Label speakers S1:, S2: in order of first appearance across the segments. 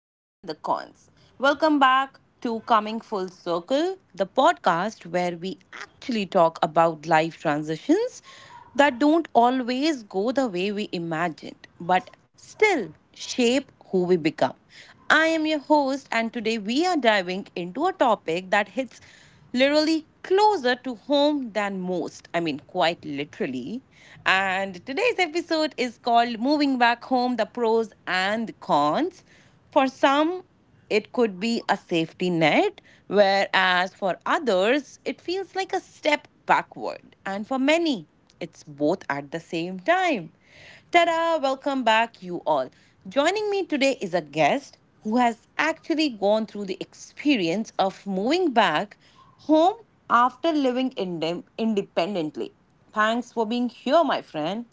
S1: and the cons. Welcome back to Coming Full Circle, the podcast where we actually talk about life transitions that don't always go the way we imagined, but still shape who we become. I am your host, and today we are diving into a topic that hits literally closer to home than most. I mean, quite literally. And today's episode is called Moving Back Home, The Pros and the Cons. For some, it could be a safety net, whereas for others, it feels like a step backward. And for many, it's both at the same time. Tada! Welcome back, you all. Joining me today is a guest who has actually gone through the experience of moving back home after living independently. Thanks for being here, my friend.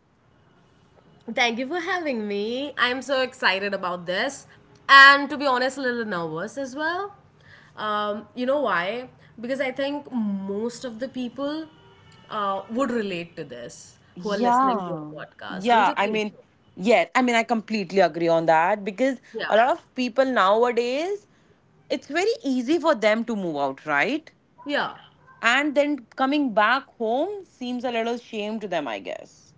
S2: Thank you for having me. I'm so excited about this. And to be honest, a little nervous as well. You know why? Because I think most of the people would relate to this who are listening to
S1: Yeah.
S2: our podcast. Don't
S1: Yeah,
S2: you
S1: I
S2: think
S1: mean,
S2: so?
S1: yes, I mean, I completely agree on that, because
S2: Yeah.
S1: a lot of people nowadays, it's very easy for them to move out, right?
S2: Yeah.
S1: And then coming back home seems a little shame to them, I guess,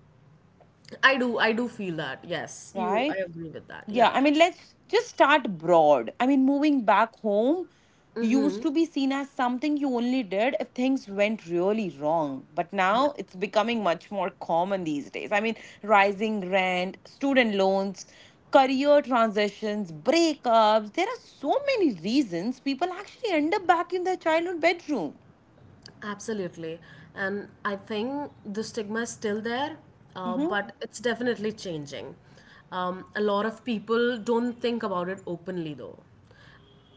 S2: I do. I do feel that. Yes. You, I
S1: right?
S2: agree with that.
S1: Yeah,
S2: Yeah.
S1: I mean, let's just start broad. I mean, moving back home used
S2: Mm-hmm.
S1: to be seen as something you only did if things went really wrong. But
S2: Yeah.
S1: now it's becoming much more common these days. I mean, rising rent, student loans, career transitions, breakups. There are so many reasons people actually end up back in their childhood bedroom.
S2: Absolutely. And I think the stigma is still there,
S1: Mm-hmm.
S2: but it's definitely changing. A lot of people don't think about it openly, though,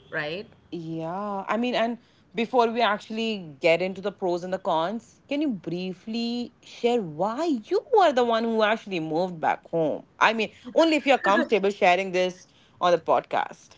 S2: right?
S1: Yeah, I mean, and before we actually get into the pros and the cons, can you briefly share why you are the one who actually moved back home? I mean, only if you're comfortable sharing this on the podcast.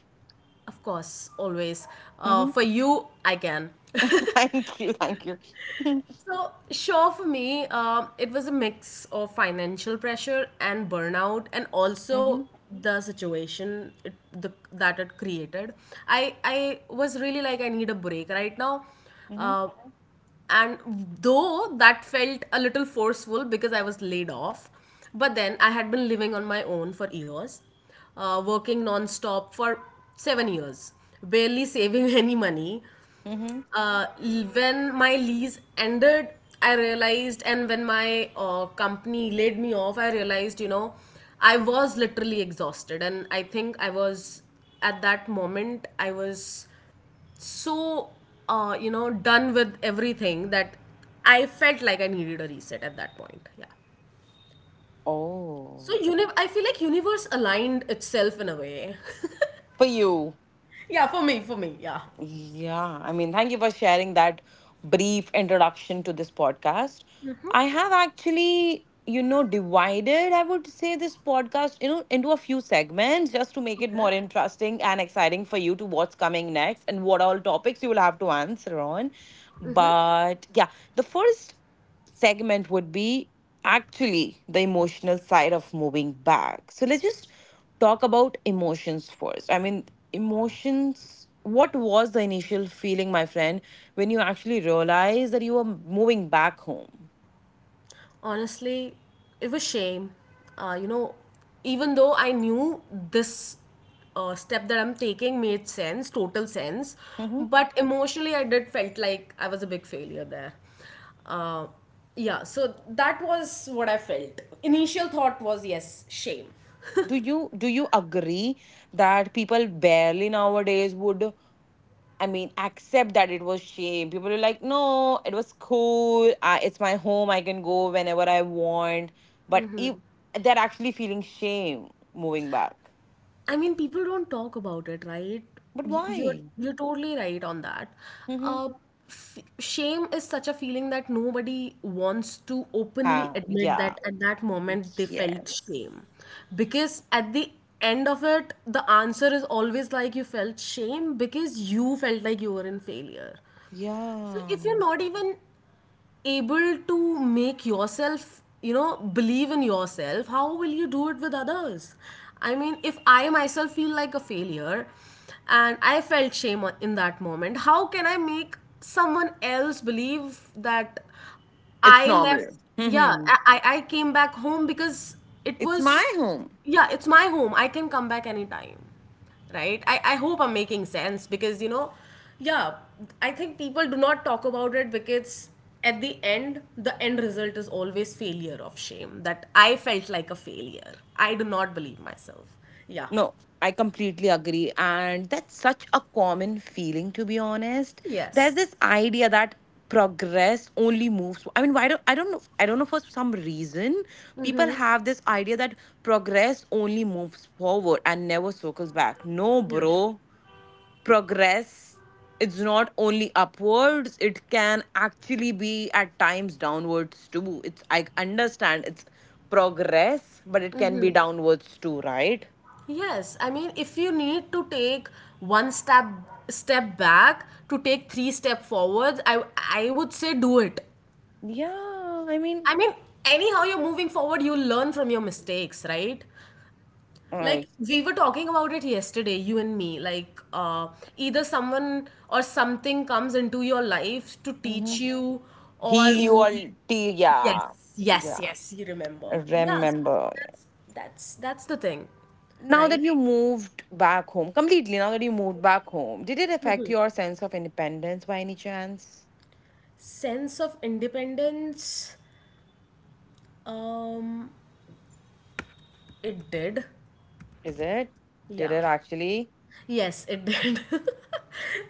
S2: Of course, always.
S1: Hmm
S2: For you, I can.
S1: Thank you, thank you.
S2: So, sure, for me, it was a mix of financial pressure and burnout, and also
S1: hmm
S2: the situation that it created. I was really like, I need a break right now.
S1: hmm
S2: Uh, and though that felt a little forceful because I was laid off, but then I had been living on my own for years, working non stop for 7 years, barely saving any money
S1: hmm
S2: when my lease ended, I realized, and when my company laid me off, I realized, you know, I was literally exhausted, and I think I was, at that moment I was so, you know, done with everything, that I felt like I needed a reset at that point. Yeah. So
S1: Oh,
S2: I feel like universe aligned itself in a way.
S1: for you.
S2: Yeah, for me, yeah.
S1: Yeah, I mean, thank you for sharing that brief introduction to this podcast. I have actually, you know, divided, I would say, this podcast, you know, into a few segments just to make it
S2: Okay.
S1: more interesting and exciting for you to what's coming next and what all topics you will have to answer on. But yeah, the first segment would be actually the emotional side of moving back. So let's just talk about emotions first. I mean, emotions. What was the initial feeling, my friend, when you actually realized that you were moving back home?
S2: Honestly, it was shame. You know, even though I knew this step that I'm taking made sense, total sense,
S1: Mhm.
S2: but emotionally I did felt like I was a big failure there. uh, yeah, so that was what I felt. Initial thought was, yes, shame.
S1: Do you agree that people barely nowadays would, I mean, accept that it was shame. People are like, no, it was cool. I, it's my home. I can go whenever I want. But if they're actually feeling shame moving back.
S2: I mean, people don't talk about it, right?
S1: But
S2: Y- You're
S1: why?
S2: you're totally right on that.
S1: Mm-hmm.
S2: Uh, f- Shame is such a feeling that nobody wants to openly
S1: Ha,
S2: admit
S1: yeah.
S2: that at that moment they felt
S1: Yes.
S2: shame,
S1: Ex-
S2: because at the end of it, the answer is always like you felt shame because you felt like you were in failure. So
S1: Yeah.
S2: if you're not even able to make yourself, you know, believe in yourself, how will you do it with others? I mean, if I myself feel like a failure and I felt in that moment, how can I make someone else believe that
S1: It's
S2: I left,
S1: normal.
S2: yeah,
S1: Hmm
S2: I came back home because it
S1: It's my
S2: was,
S1: home.
S2: yeah, it's my home. I can come back anytime, right? I hope I'm making sense because, you know, yeah, I think people do not talk about it because at the end result is always failure of shame, that I felt like a failure. I do not believe myself. Yeah.
S1: No, I completely agree. And that's such a common feeling, to be honest.
S2: Yes.
S1: There's this idea that progress only moves, I mean, why, don't I don't know I don't know, for some reason people have this idea that progress only moves forward and never circles back. No,
S2: Yeah.
S1: bro, progress, it's not only upwards, it can actually be at times downwards too. It's, I understand, it's progress, but it can be downwards too, right?
S2: Yes, I mean, if you need to take one step back to take three step forwards, I would say do it.
S1: Yeah, I mean,
S2: I mean, anyhow you're moving forward, you learn from your mistakes, right?
S1: like,
S2: Like we were talking about it yesterday, you and me. Like, either someone or something comes into your life to
S1: mhm.
S2: teach you,
S1: Heal
S2: or
S1: you all.
S2: maybe
S1: T-
S2: yes,
S1: yeah,
S2: yes,
S1: yeah.
S2: yes, you remember. Yeah, so
S1: Remember,
S2: that's the thing,
S1: now that
S2: right?
S1: you moved back home completely. Now that you moved back home, did it affect your sense of independence by any chance?
S2: Sense of independence. Um, it did.
S1: Is it? Did
S2: Yeah.
S1: it actually?
S2: Yes, it did.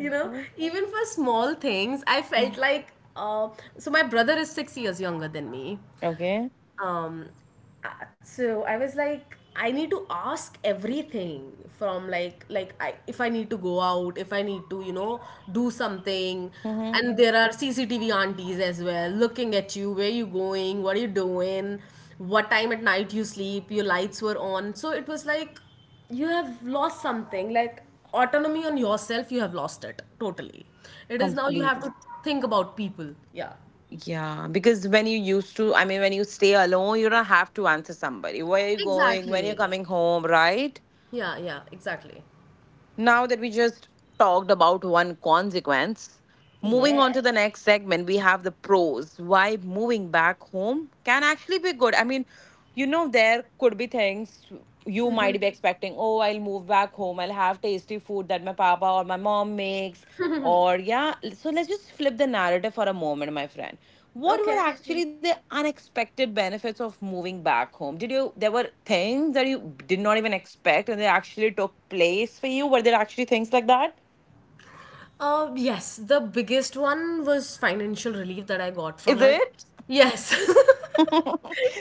S2: You know, even for small things, I
S1: Mm.
S2: felt like. Uh, so my brother is 6 years younger than me,
S1: Okay.
S2: um so I was like, I need to ask everything. From like I If I need to go out, if I need to, you know, do something.
S1: Mm-hmm.
S2: And there are CCTV aunties as well looking at you, where you going, what are you doing, what time at night you sleep, your lights were on. So it was like you have lost something, like autonomy on yourself, you have lost it totally. It is now you have
S1: Completely.
S2: to think about people. Yeah,
S1: Yeah, because when you used to, I mean, when you stay alone, you don't have to answer somebody. Where are you going? When you're
S2: exactly.
S1: coming home, right?
S2: Yeah, exactly.
S1: Now that we just talked about one consequence, moving
S2: Yeah.
S1: on to the next segment, we have the pros. Why moving back home can actually be good. I mean, you know, there could be things you might be expecting. Oh, I'll move back home. I'll have tasty food that my papa or my mom makes. Or, yeah. So let's just flip the narrative for a moment, my friend. What were
S2: Okay.
S1: actually the unexpected benefits of moving back home? Did you, there were things that you did not even expect and they actually took place for you? Were there actually things like that?
S2: Yes, the biggest one was financial relief that I got
S1: Is
S2: from it.
S1: it?
S2: Yes.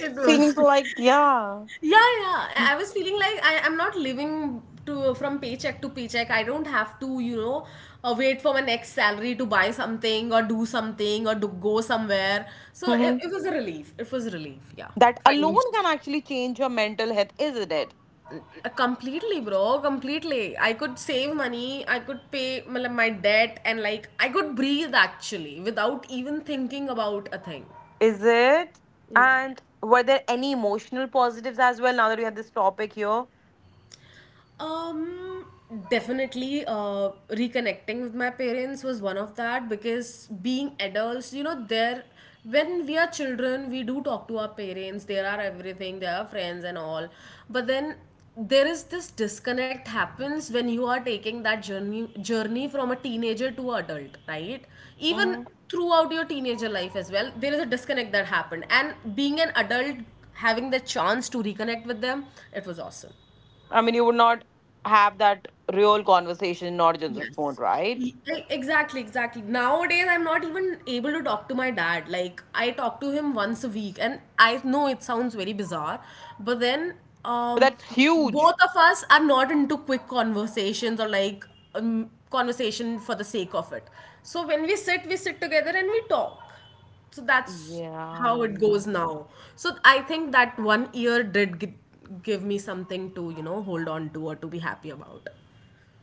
S2: It was.
S1: Seems like, yeah.
S2: Yeah. I was feeling like, I, I'm not living to from paycheck to paycheck. I don't have to, you know, wait for my next salary to buy something or do, go somewhere. So
S1: hmm
S2: it was a relief. It was a relief. Yeah.
S1: That
S2: Financial.
S1: alone can actually change your mental health, isn't it?
S2: Completely, bro, completely. I could save money, I could pay matlab, my debt, and like I could breathe actually without even thinking about a thing.
S1: Is it?
S2: Yeah.
S1: And were there any emotional positives as well now that we have this topic here?
S2: Um, Definitely, reconnecting with my parents was one of that, because being adults, you know, there, when we are children, we do talk to our parents, they are everything, they are friends and all, but then there is this disconnect happens when you are taking that journey from a teenager to adult, right? Even
S1: Hmm
S2: throughout your teenager life as well, there is a disconnect that happened, and being an adult, having the chance to reconnect with them, it was awesome.
S1: I mean, you would not have that real conversation, not just on the phone,
S2: Yes.
S1: right?
S2: Exactly, exactly. Nowadays, I'm not even able to talk to my dad. Like, I talk to him once a week, and I know it sounds very bizarre, but then,
S1: But
S2: um,
S1: that's
S2: both
S1: huge.
S2: of us are not into quick conversations or like conversation for the sake of it. So, when we sit together and we talk. So, that's how
S1: Yeah.
S2: it goes now. So, I think that one year did give me something to, you know, hold on to or to be happy about.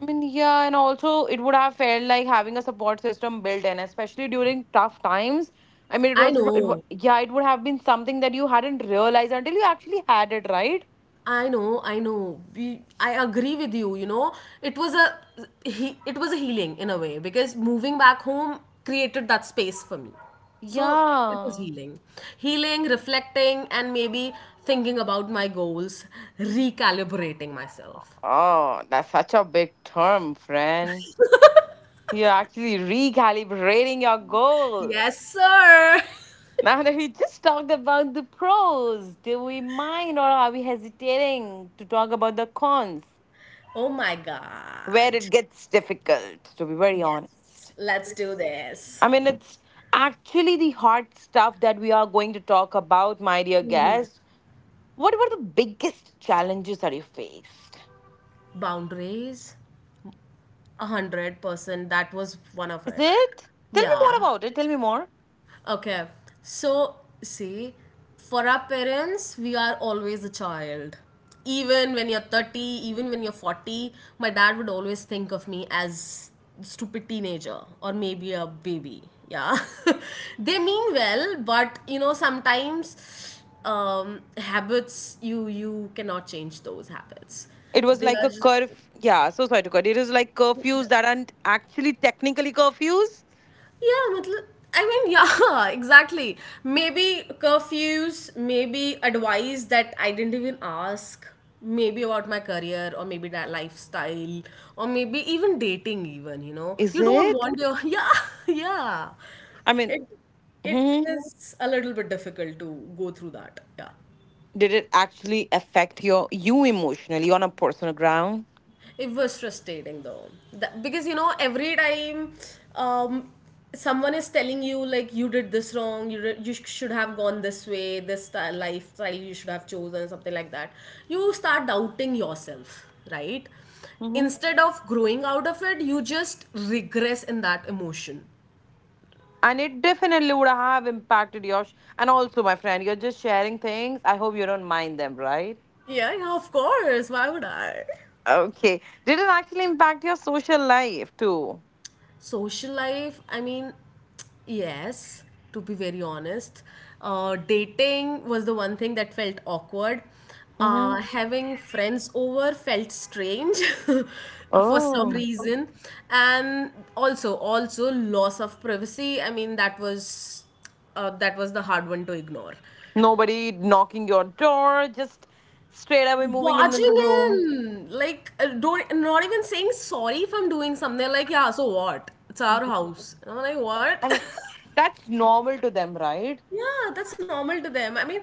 S1: I mean, yeah, and also it would have felt like having a support system built in, especially during tough times. I mean, it
S2: I
S1: was, it,
S2: know.
S1: yeah, it would have been something that you hadn't realized until you actually had it, right?
S2: I know. We, I agree with you. You know, it was a it was a healing in a way, because moving back home created that space for me. So it was
S1: Yeah.
S2: healing, healing, reflecting, and maybe thinking about my goals, recalibrating myself.
S1: Oh, that's such a big term, friend. You're actually recalibrating your goals.
S2: Yes, sir.
S1: Now that we just talked about the pros, do we mind or are we hesitating to talk about the cons?
S2: Oh my
S1: Where
S2: God.
S1: it gets difficult, to be very
S2: Yes,
S1: honest.
S2: let's do this.
S1: I mean, it's actually the hard stuff that we are going to talk about, my dear guest. What were the biggest challenges that you faced?
S2: Boundaries, 100%. That was one of
S1: Is
S2: it.
S1: it? Tell me
S2: Yeah.
S1: more about it. Tell me more.
S2: Okay. So, see, for our parents, we are always a child. Even when you're 30, even when you're 40, my dad would always think of me as stupid teenager or maybe a baby. Yeah. They mean well, but you know, sometimes habits, you cannot change those habits.
S1: It was
S2: They
S1: like
S2: are
S1: a
S2: just.
S1: curf. Yeah, so sorry to cut. It is like curfews that aren't actually technically curfews.
S2: Yeah, matlab, I mean, yeah, exactly. Maybe curfews, maybe advice that I didn't even ask, maybe about my career or maybe that lifestyle, or maybe even dating even, you know.
S1: Is
S2: You don't
S1: it?
S2: want your yeah, yeah.
S1: I mean,
S2: It it
S1: hmm
S2: is a little bit difficult to go through that. Yeah.
S1: did it actually affect your you emotionally, on a personal ground?
S2: It was frustrating though. That, because you know, every time, um, someone is telling you, like, you did this wrong, you should have gone this way, this style, lifestyle you should have chosen, something like that, you start doubting yourself, right? Instead of growing out of it, you just regress in that emotion.
S1: And it definitely would have impacted your and also, my friend, you're just sharing things. I hope you don't mind them, right?
S2: Yeah, yeah, of course. Why would I?
S1: Okay. Did it actually impact your social life too?
S2: Social life, I mean, yes, to be very honest. Dating was the one thing that felt awkward.
S1: Mm-hmm.
S2: Having friends over felt strange for some
S1: Oh.
S2: reason. And also, also loss of privacy. I mean, that was, that was the hard one to ignore.
S1: Nobody knocking your door, just straight away moving in the
S2: Barging
S1: room.
S2: in, like, don't, not even saying sorry if I'm doing something. They're like, yeah, so what? It's our house. And I'm like,
S1: I
S2: what?
S1: mean, that's normal to them, right?
S2: Yeah, that's normal to them. I mean,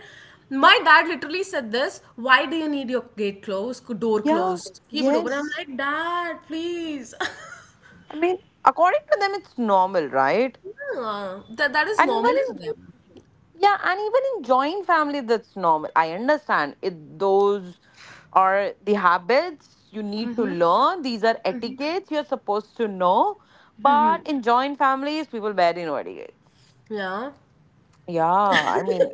S2: my dad literally said this, why do you need your gate closed, door
S1: Yeah.
S2: closed? Keep it open. I'm
S1: Yes.
S2: like, Dad, please.
S1: I mean, according to them, it's normal, right?
S2: Yeah, that
S1: And
S2: is
S1: even
S2: normal for them.
S1: in yeah, and even in joint family, that's normal. I understand it. Those are the habits you need to learn. These are etiquettes you're supposed to know. But in joint families, people barely know etiquettes.
S2: Yeah.
S1: Yeah, I mean,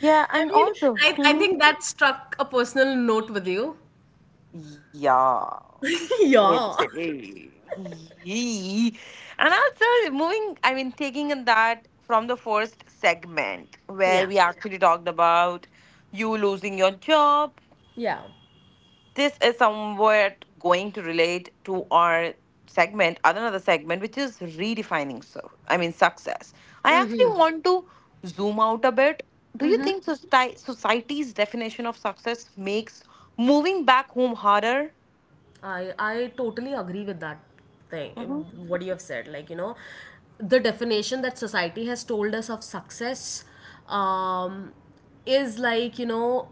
S1: yeah,
S2: I
S1: and
S2: mean,
S1: also,
S2: I
S1: mhm,
S2: think that struck a personal note with you.
S1: yeah,
S2: Yeah.
S1: it's a- Yee. And also moving, I mean, taking in that from the first segment where
S2: Yeah.
S1: we actually talked about you losing your job,
S2: Yeah.
S1: this is somewhat going to relate to our segment, another segment, which is redefining. So, I mean, success, I
S2: Mm.
S1: actually want to zoom out a bit. Do you think society's definition of success makes moving back home harder?
S2: I totally agree with that thing.
S1: Mhm.
S2: What you have said, like you know, the definition that society has told us of success, um, is like, you know,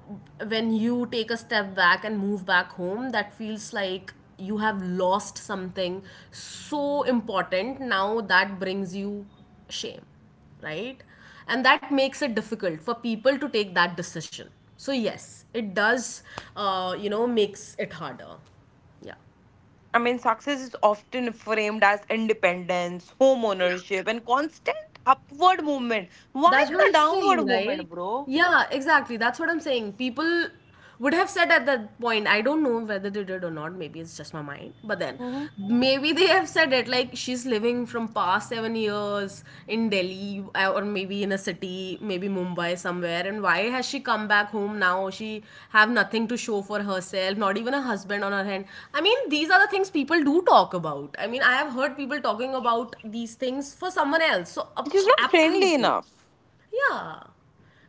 S2: when you take a step back and move back home, that feels like you have lost something so important. Now that brings you shame, right? And that makes it difficult for people to take that decision. So yes, it does, you know, makes it harder. Yeah.
S1: I mean, success is often framed as independence, home
S2: Yeah.
S1: ownership, and constant upward movement. Why
S2: That's what
S1: not
S2: I'm
S1: a
S2: saying,
S1: downward
S2: right?
S1: movement, bro?
S2: Yeah, exactly. That's what I'm saying. People would have said at that point, I don't know whether they did or not, maybe it's just my mind. But then
S1: Mhm.
S2: maybe they have said it like, she's living from past 7 years in Delhi, or maybe in a city, maybe Mumbai somewhere. And why has she come back home now? She have nothing to show for herself, not even a husband on her hand. I mean, these are the things people do talk about. I mean, I have heard people talking about these things for someone else. So,
S1: Which is not friendly
S2: absolutely.
S1: enough.
S2: Yeah.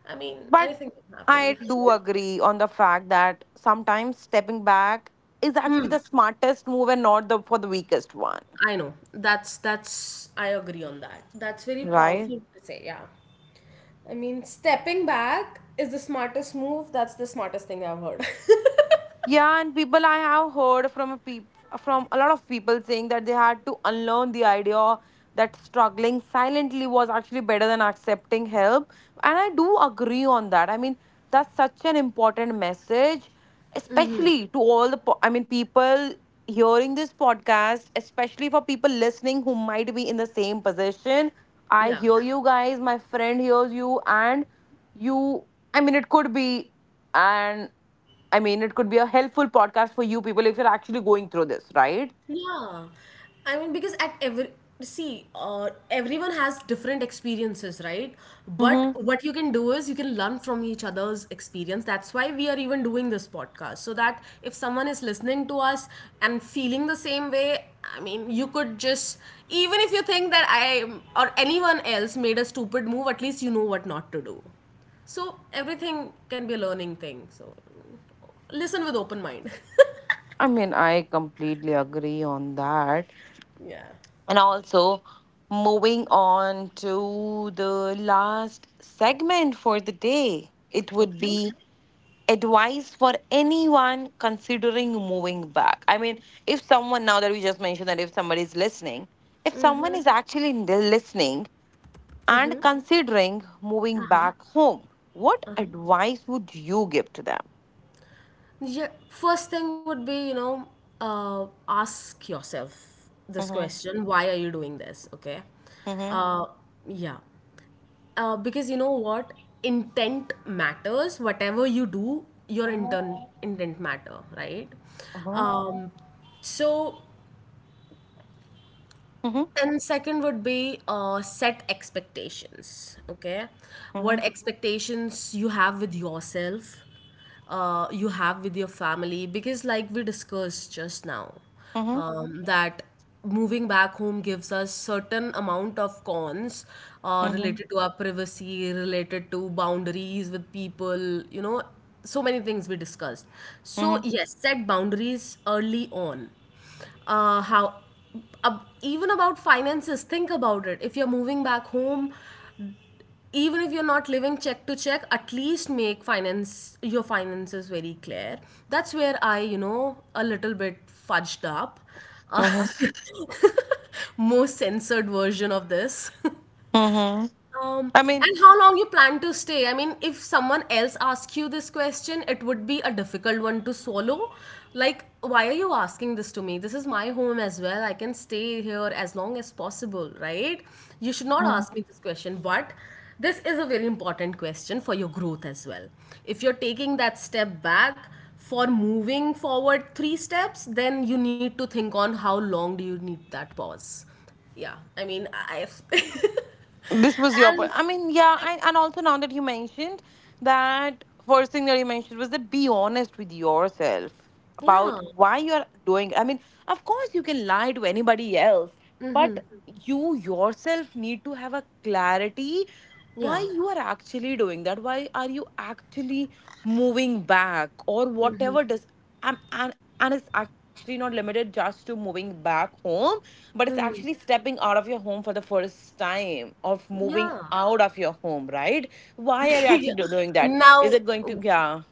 S2: I mean,
S1: But
S2: anything can
S1: I
S2: happen.
S1: do agree on the fact that sometimes stepping back is actually the smartest move and not the, for the weakest one,
S2: I know. That's I agree on that. That's very
S1: right?
S2: powerful to say, yeah. I mean, stepping back is the smartest move. That's the smartest thing I've heard.
S1: Yeah, and people, I have heard from from a lot of people saying that they had to unlearn the idea that struggling silently was actually better than accepting help. And I do agree on that. I mean, that's such an important message, especially to all the I mean people hearing this podcast, especially for people listening who might be in the same position. I
S2: Yeah.
S1: hear you guys, my friend hears you, and you, I mean, it could be an, I mean, it could be a helpful podcast for you people if you're actually going through this, right?
S2: Yeah, I mean because at every see, everyone has different experiences, right? But
S1: Mm-hmm.
S2: what you can do is you can learn from each other's experience. That's why we are even doing this podcast, so that if someone is listening to us and feeling the same way, I mean, you could just even if you think that I or anyone else made a stupid move, at least you know what not to do. So everything can be a learning thing. So listen with open mind.
S1: I mean, I completely agree on that.
S2: Yeah.
S1: And also, moving on to the last segment for the day, it would
S2: Okay.
S1: be advice for anyone considering moving back. I mean, if someone, now that we just mentioned that if somebody is listening, if someone is actually listening and considering moving back home, what advice would you give to them?
S2: Yeah, first thing would be, ask yourself this
S1: Mhm,
S2: question, why are you doing this? Okay.
S1: mhm,
S2: Uh, yeah. Because you know what? Intent matters. Whatever you do, your
S1: mhm,
S2: intent matter, right?
S1: mhm,
S2: Um, so
S1: mhm,
S2: and second would be set expectations. Okay, what
S1: mhm,
S2: expectations you have with yourself, you have with your family, because like we discussed just now,
S1: mhm,
S2: that moving back home gives us certain amount of cons
S1: mhm,
S2: related to our privacy, related to boundaries with people. So many things we discussed. So
S1: mhm,
S2: yes, set boundaries early on how ab even about finances, think about it. If you're moving back home, even if you're not living check to check, at least make finance, your finances, very clear. That's where I a little bit fudged up, uh,
S1: mhm,
S2: most censored version of this.
S1: mhm.
S2: Um,
S1: I mean,
S2: and how long you plan to stay? I mean, if someone else asks you this question, it would be a difficult one to swallow. Like, why are you asking this to me? This is my home as well. I can stay here as long as possible, right? You should not ask me this question, but this is a very important question for your growth as well. If you're taking that step back for moving forward three steps, then you need to think on how long do you need that pause. Yeah, I mean, I.
S1: this was your point. I mean, yeah, and also now that you mentioned, that first thing that you mentioned was that be honest with yourself about
S2: Yeah.
S1: why you're doing. I mean, of course you can lie to anybody else, but you yourself need to have a clarity why
S2: Yeah.
S1: you are actually doing that. Why are you actually moving back or whatever does, and and and it's actually not limited just to moving back home, but it's actually stepping out of your home for the first time, of moving
S2: Yeah.
S1: out of your home, right? Why are you
S2: Yeah.
S1: actually doing that?
S2: Now,
S1: Is it going to, yeah.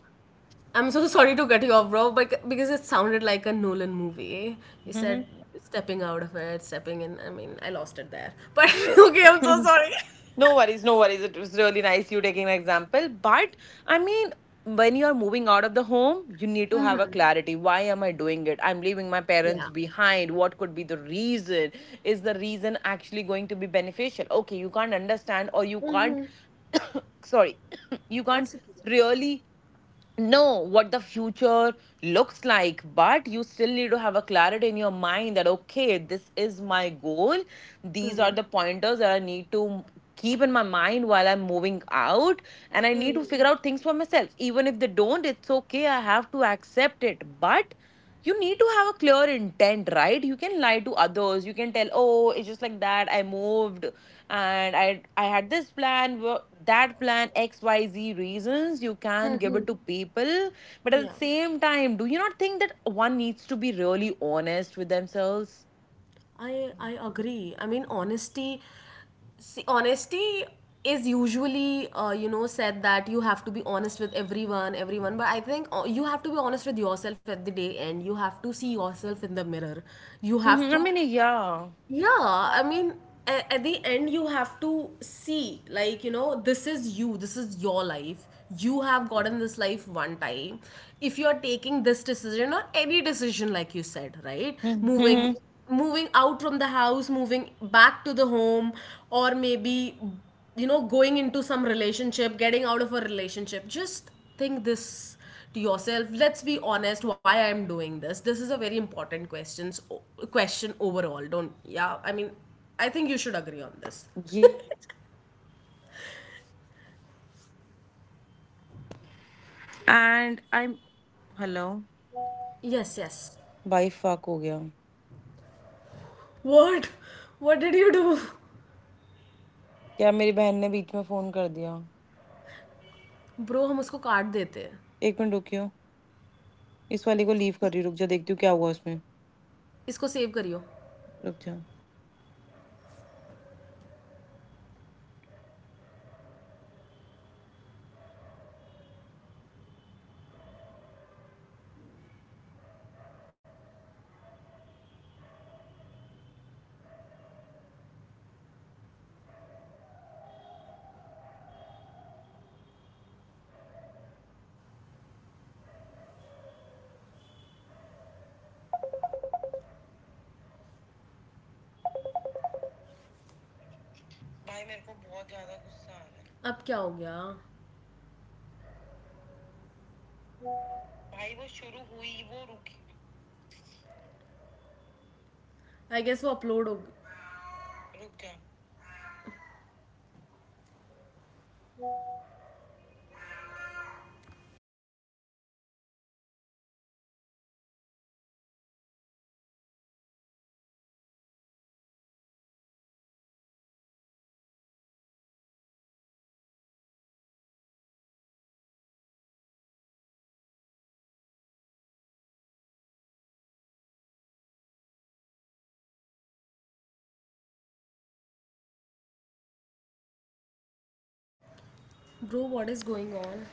S2: I'm so sorry to cut you off, bro, but because it sounded like a Nolan movie. He said
S1: Mhm.
S2: stepping out of it, stepping in. I mean, I lost it there. But
S1: Uh,
S2: okay, I'm so sorry.
S1: no worries, no worries, it was really nice you taking an example. But I mean, when you are moving out of the home, you need to have a
S2: Mm-hmm.
S1: clarity, why am I doing it? I'm leaving my
S2: Yeah.
S1: parents behind, what could be the reason? Is the reason actually going to be beneficial? Okay, you can't understand, or you can't,
S2: Mm-hmm.
S1: sorry, you can't
S2: That's okay.
S1: really know what the future looks like, but you still need to have a clarity in your mind, that okay, this is my goal, these are
S2: Mm-hmm.
S1: the pointers that I need to keep in my mind while I'm moving out, and I need to figure out things for myself. Even if they don't, it's okay, I have to accept it. But you need to have a clear intent, right? You can lie to others, you can tell, oh, it's just like that, I moved, and I had this plan, that plan, X, Y, Z reasons. You can give it to people, but at the
S2: Yeah.
S1: same time, do you not think that one needs to be really honest with themselves?
S2: I agree. I mean, honesty. See, honesty is usually you know, said that you have to be honest with everyone, everyone. But I think you have to be honest with yourself at the day end. You have to see yourself in the mirror. You
S1: Mhm,
S2: have to
S1: I
S2: yeah, I mean, at the end, you have to see, like, you know, this is you, this is your life. You have gotten this life one time. If you're taking this decision or any decision, like you said, right?
S1: mean,
S2: Moving out from the house, moving back to the home, or maybe you know, going into some relationship, getting out of a relationship, just think this to yourself. Let's be honest, why I'm doing this? This is a very important question overall. Don't, yeah, I mean, I think you should agree on this.
S1: yeah.
S3: And I. Hello.
S2: Yes, yes.
S3: भाई fuck हो गया।
S2: What? What did you do?
S3: क्या मेरी बहन ने बीच में phone कर दिया।
S2: Bro हम उसको काट देते हैं
S3: एक मिनट रुकियो। इस वाली को
S2: इसको
S3: लीव कर रही हूँ, रुक जा, देखती हूँ क्या हुआ उसमें।
S2: इसको सेव करियो
S3: रुक जा।
S2: अब क्या हो गया आई गेस वो अपलोड हो bro what is going on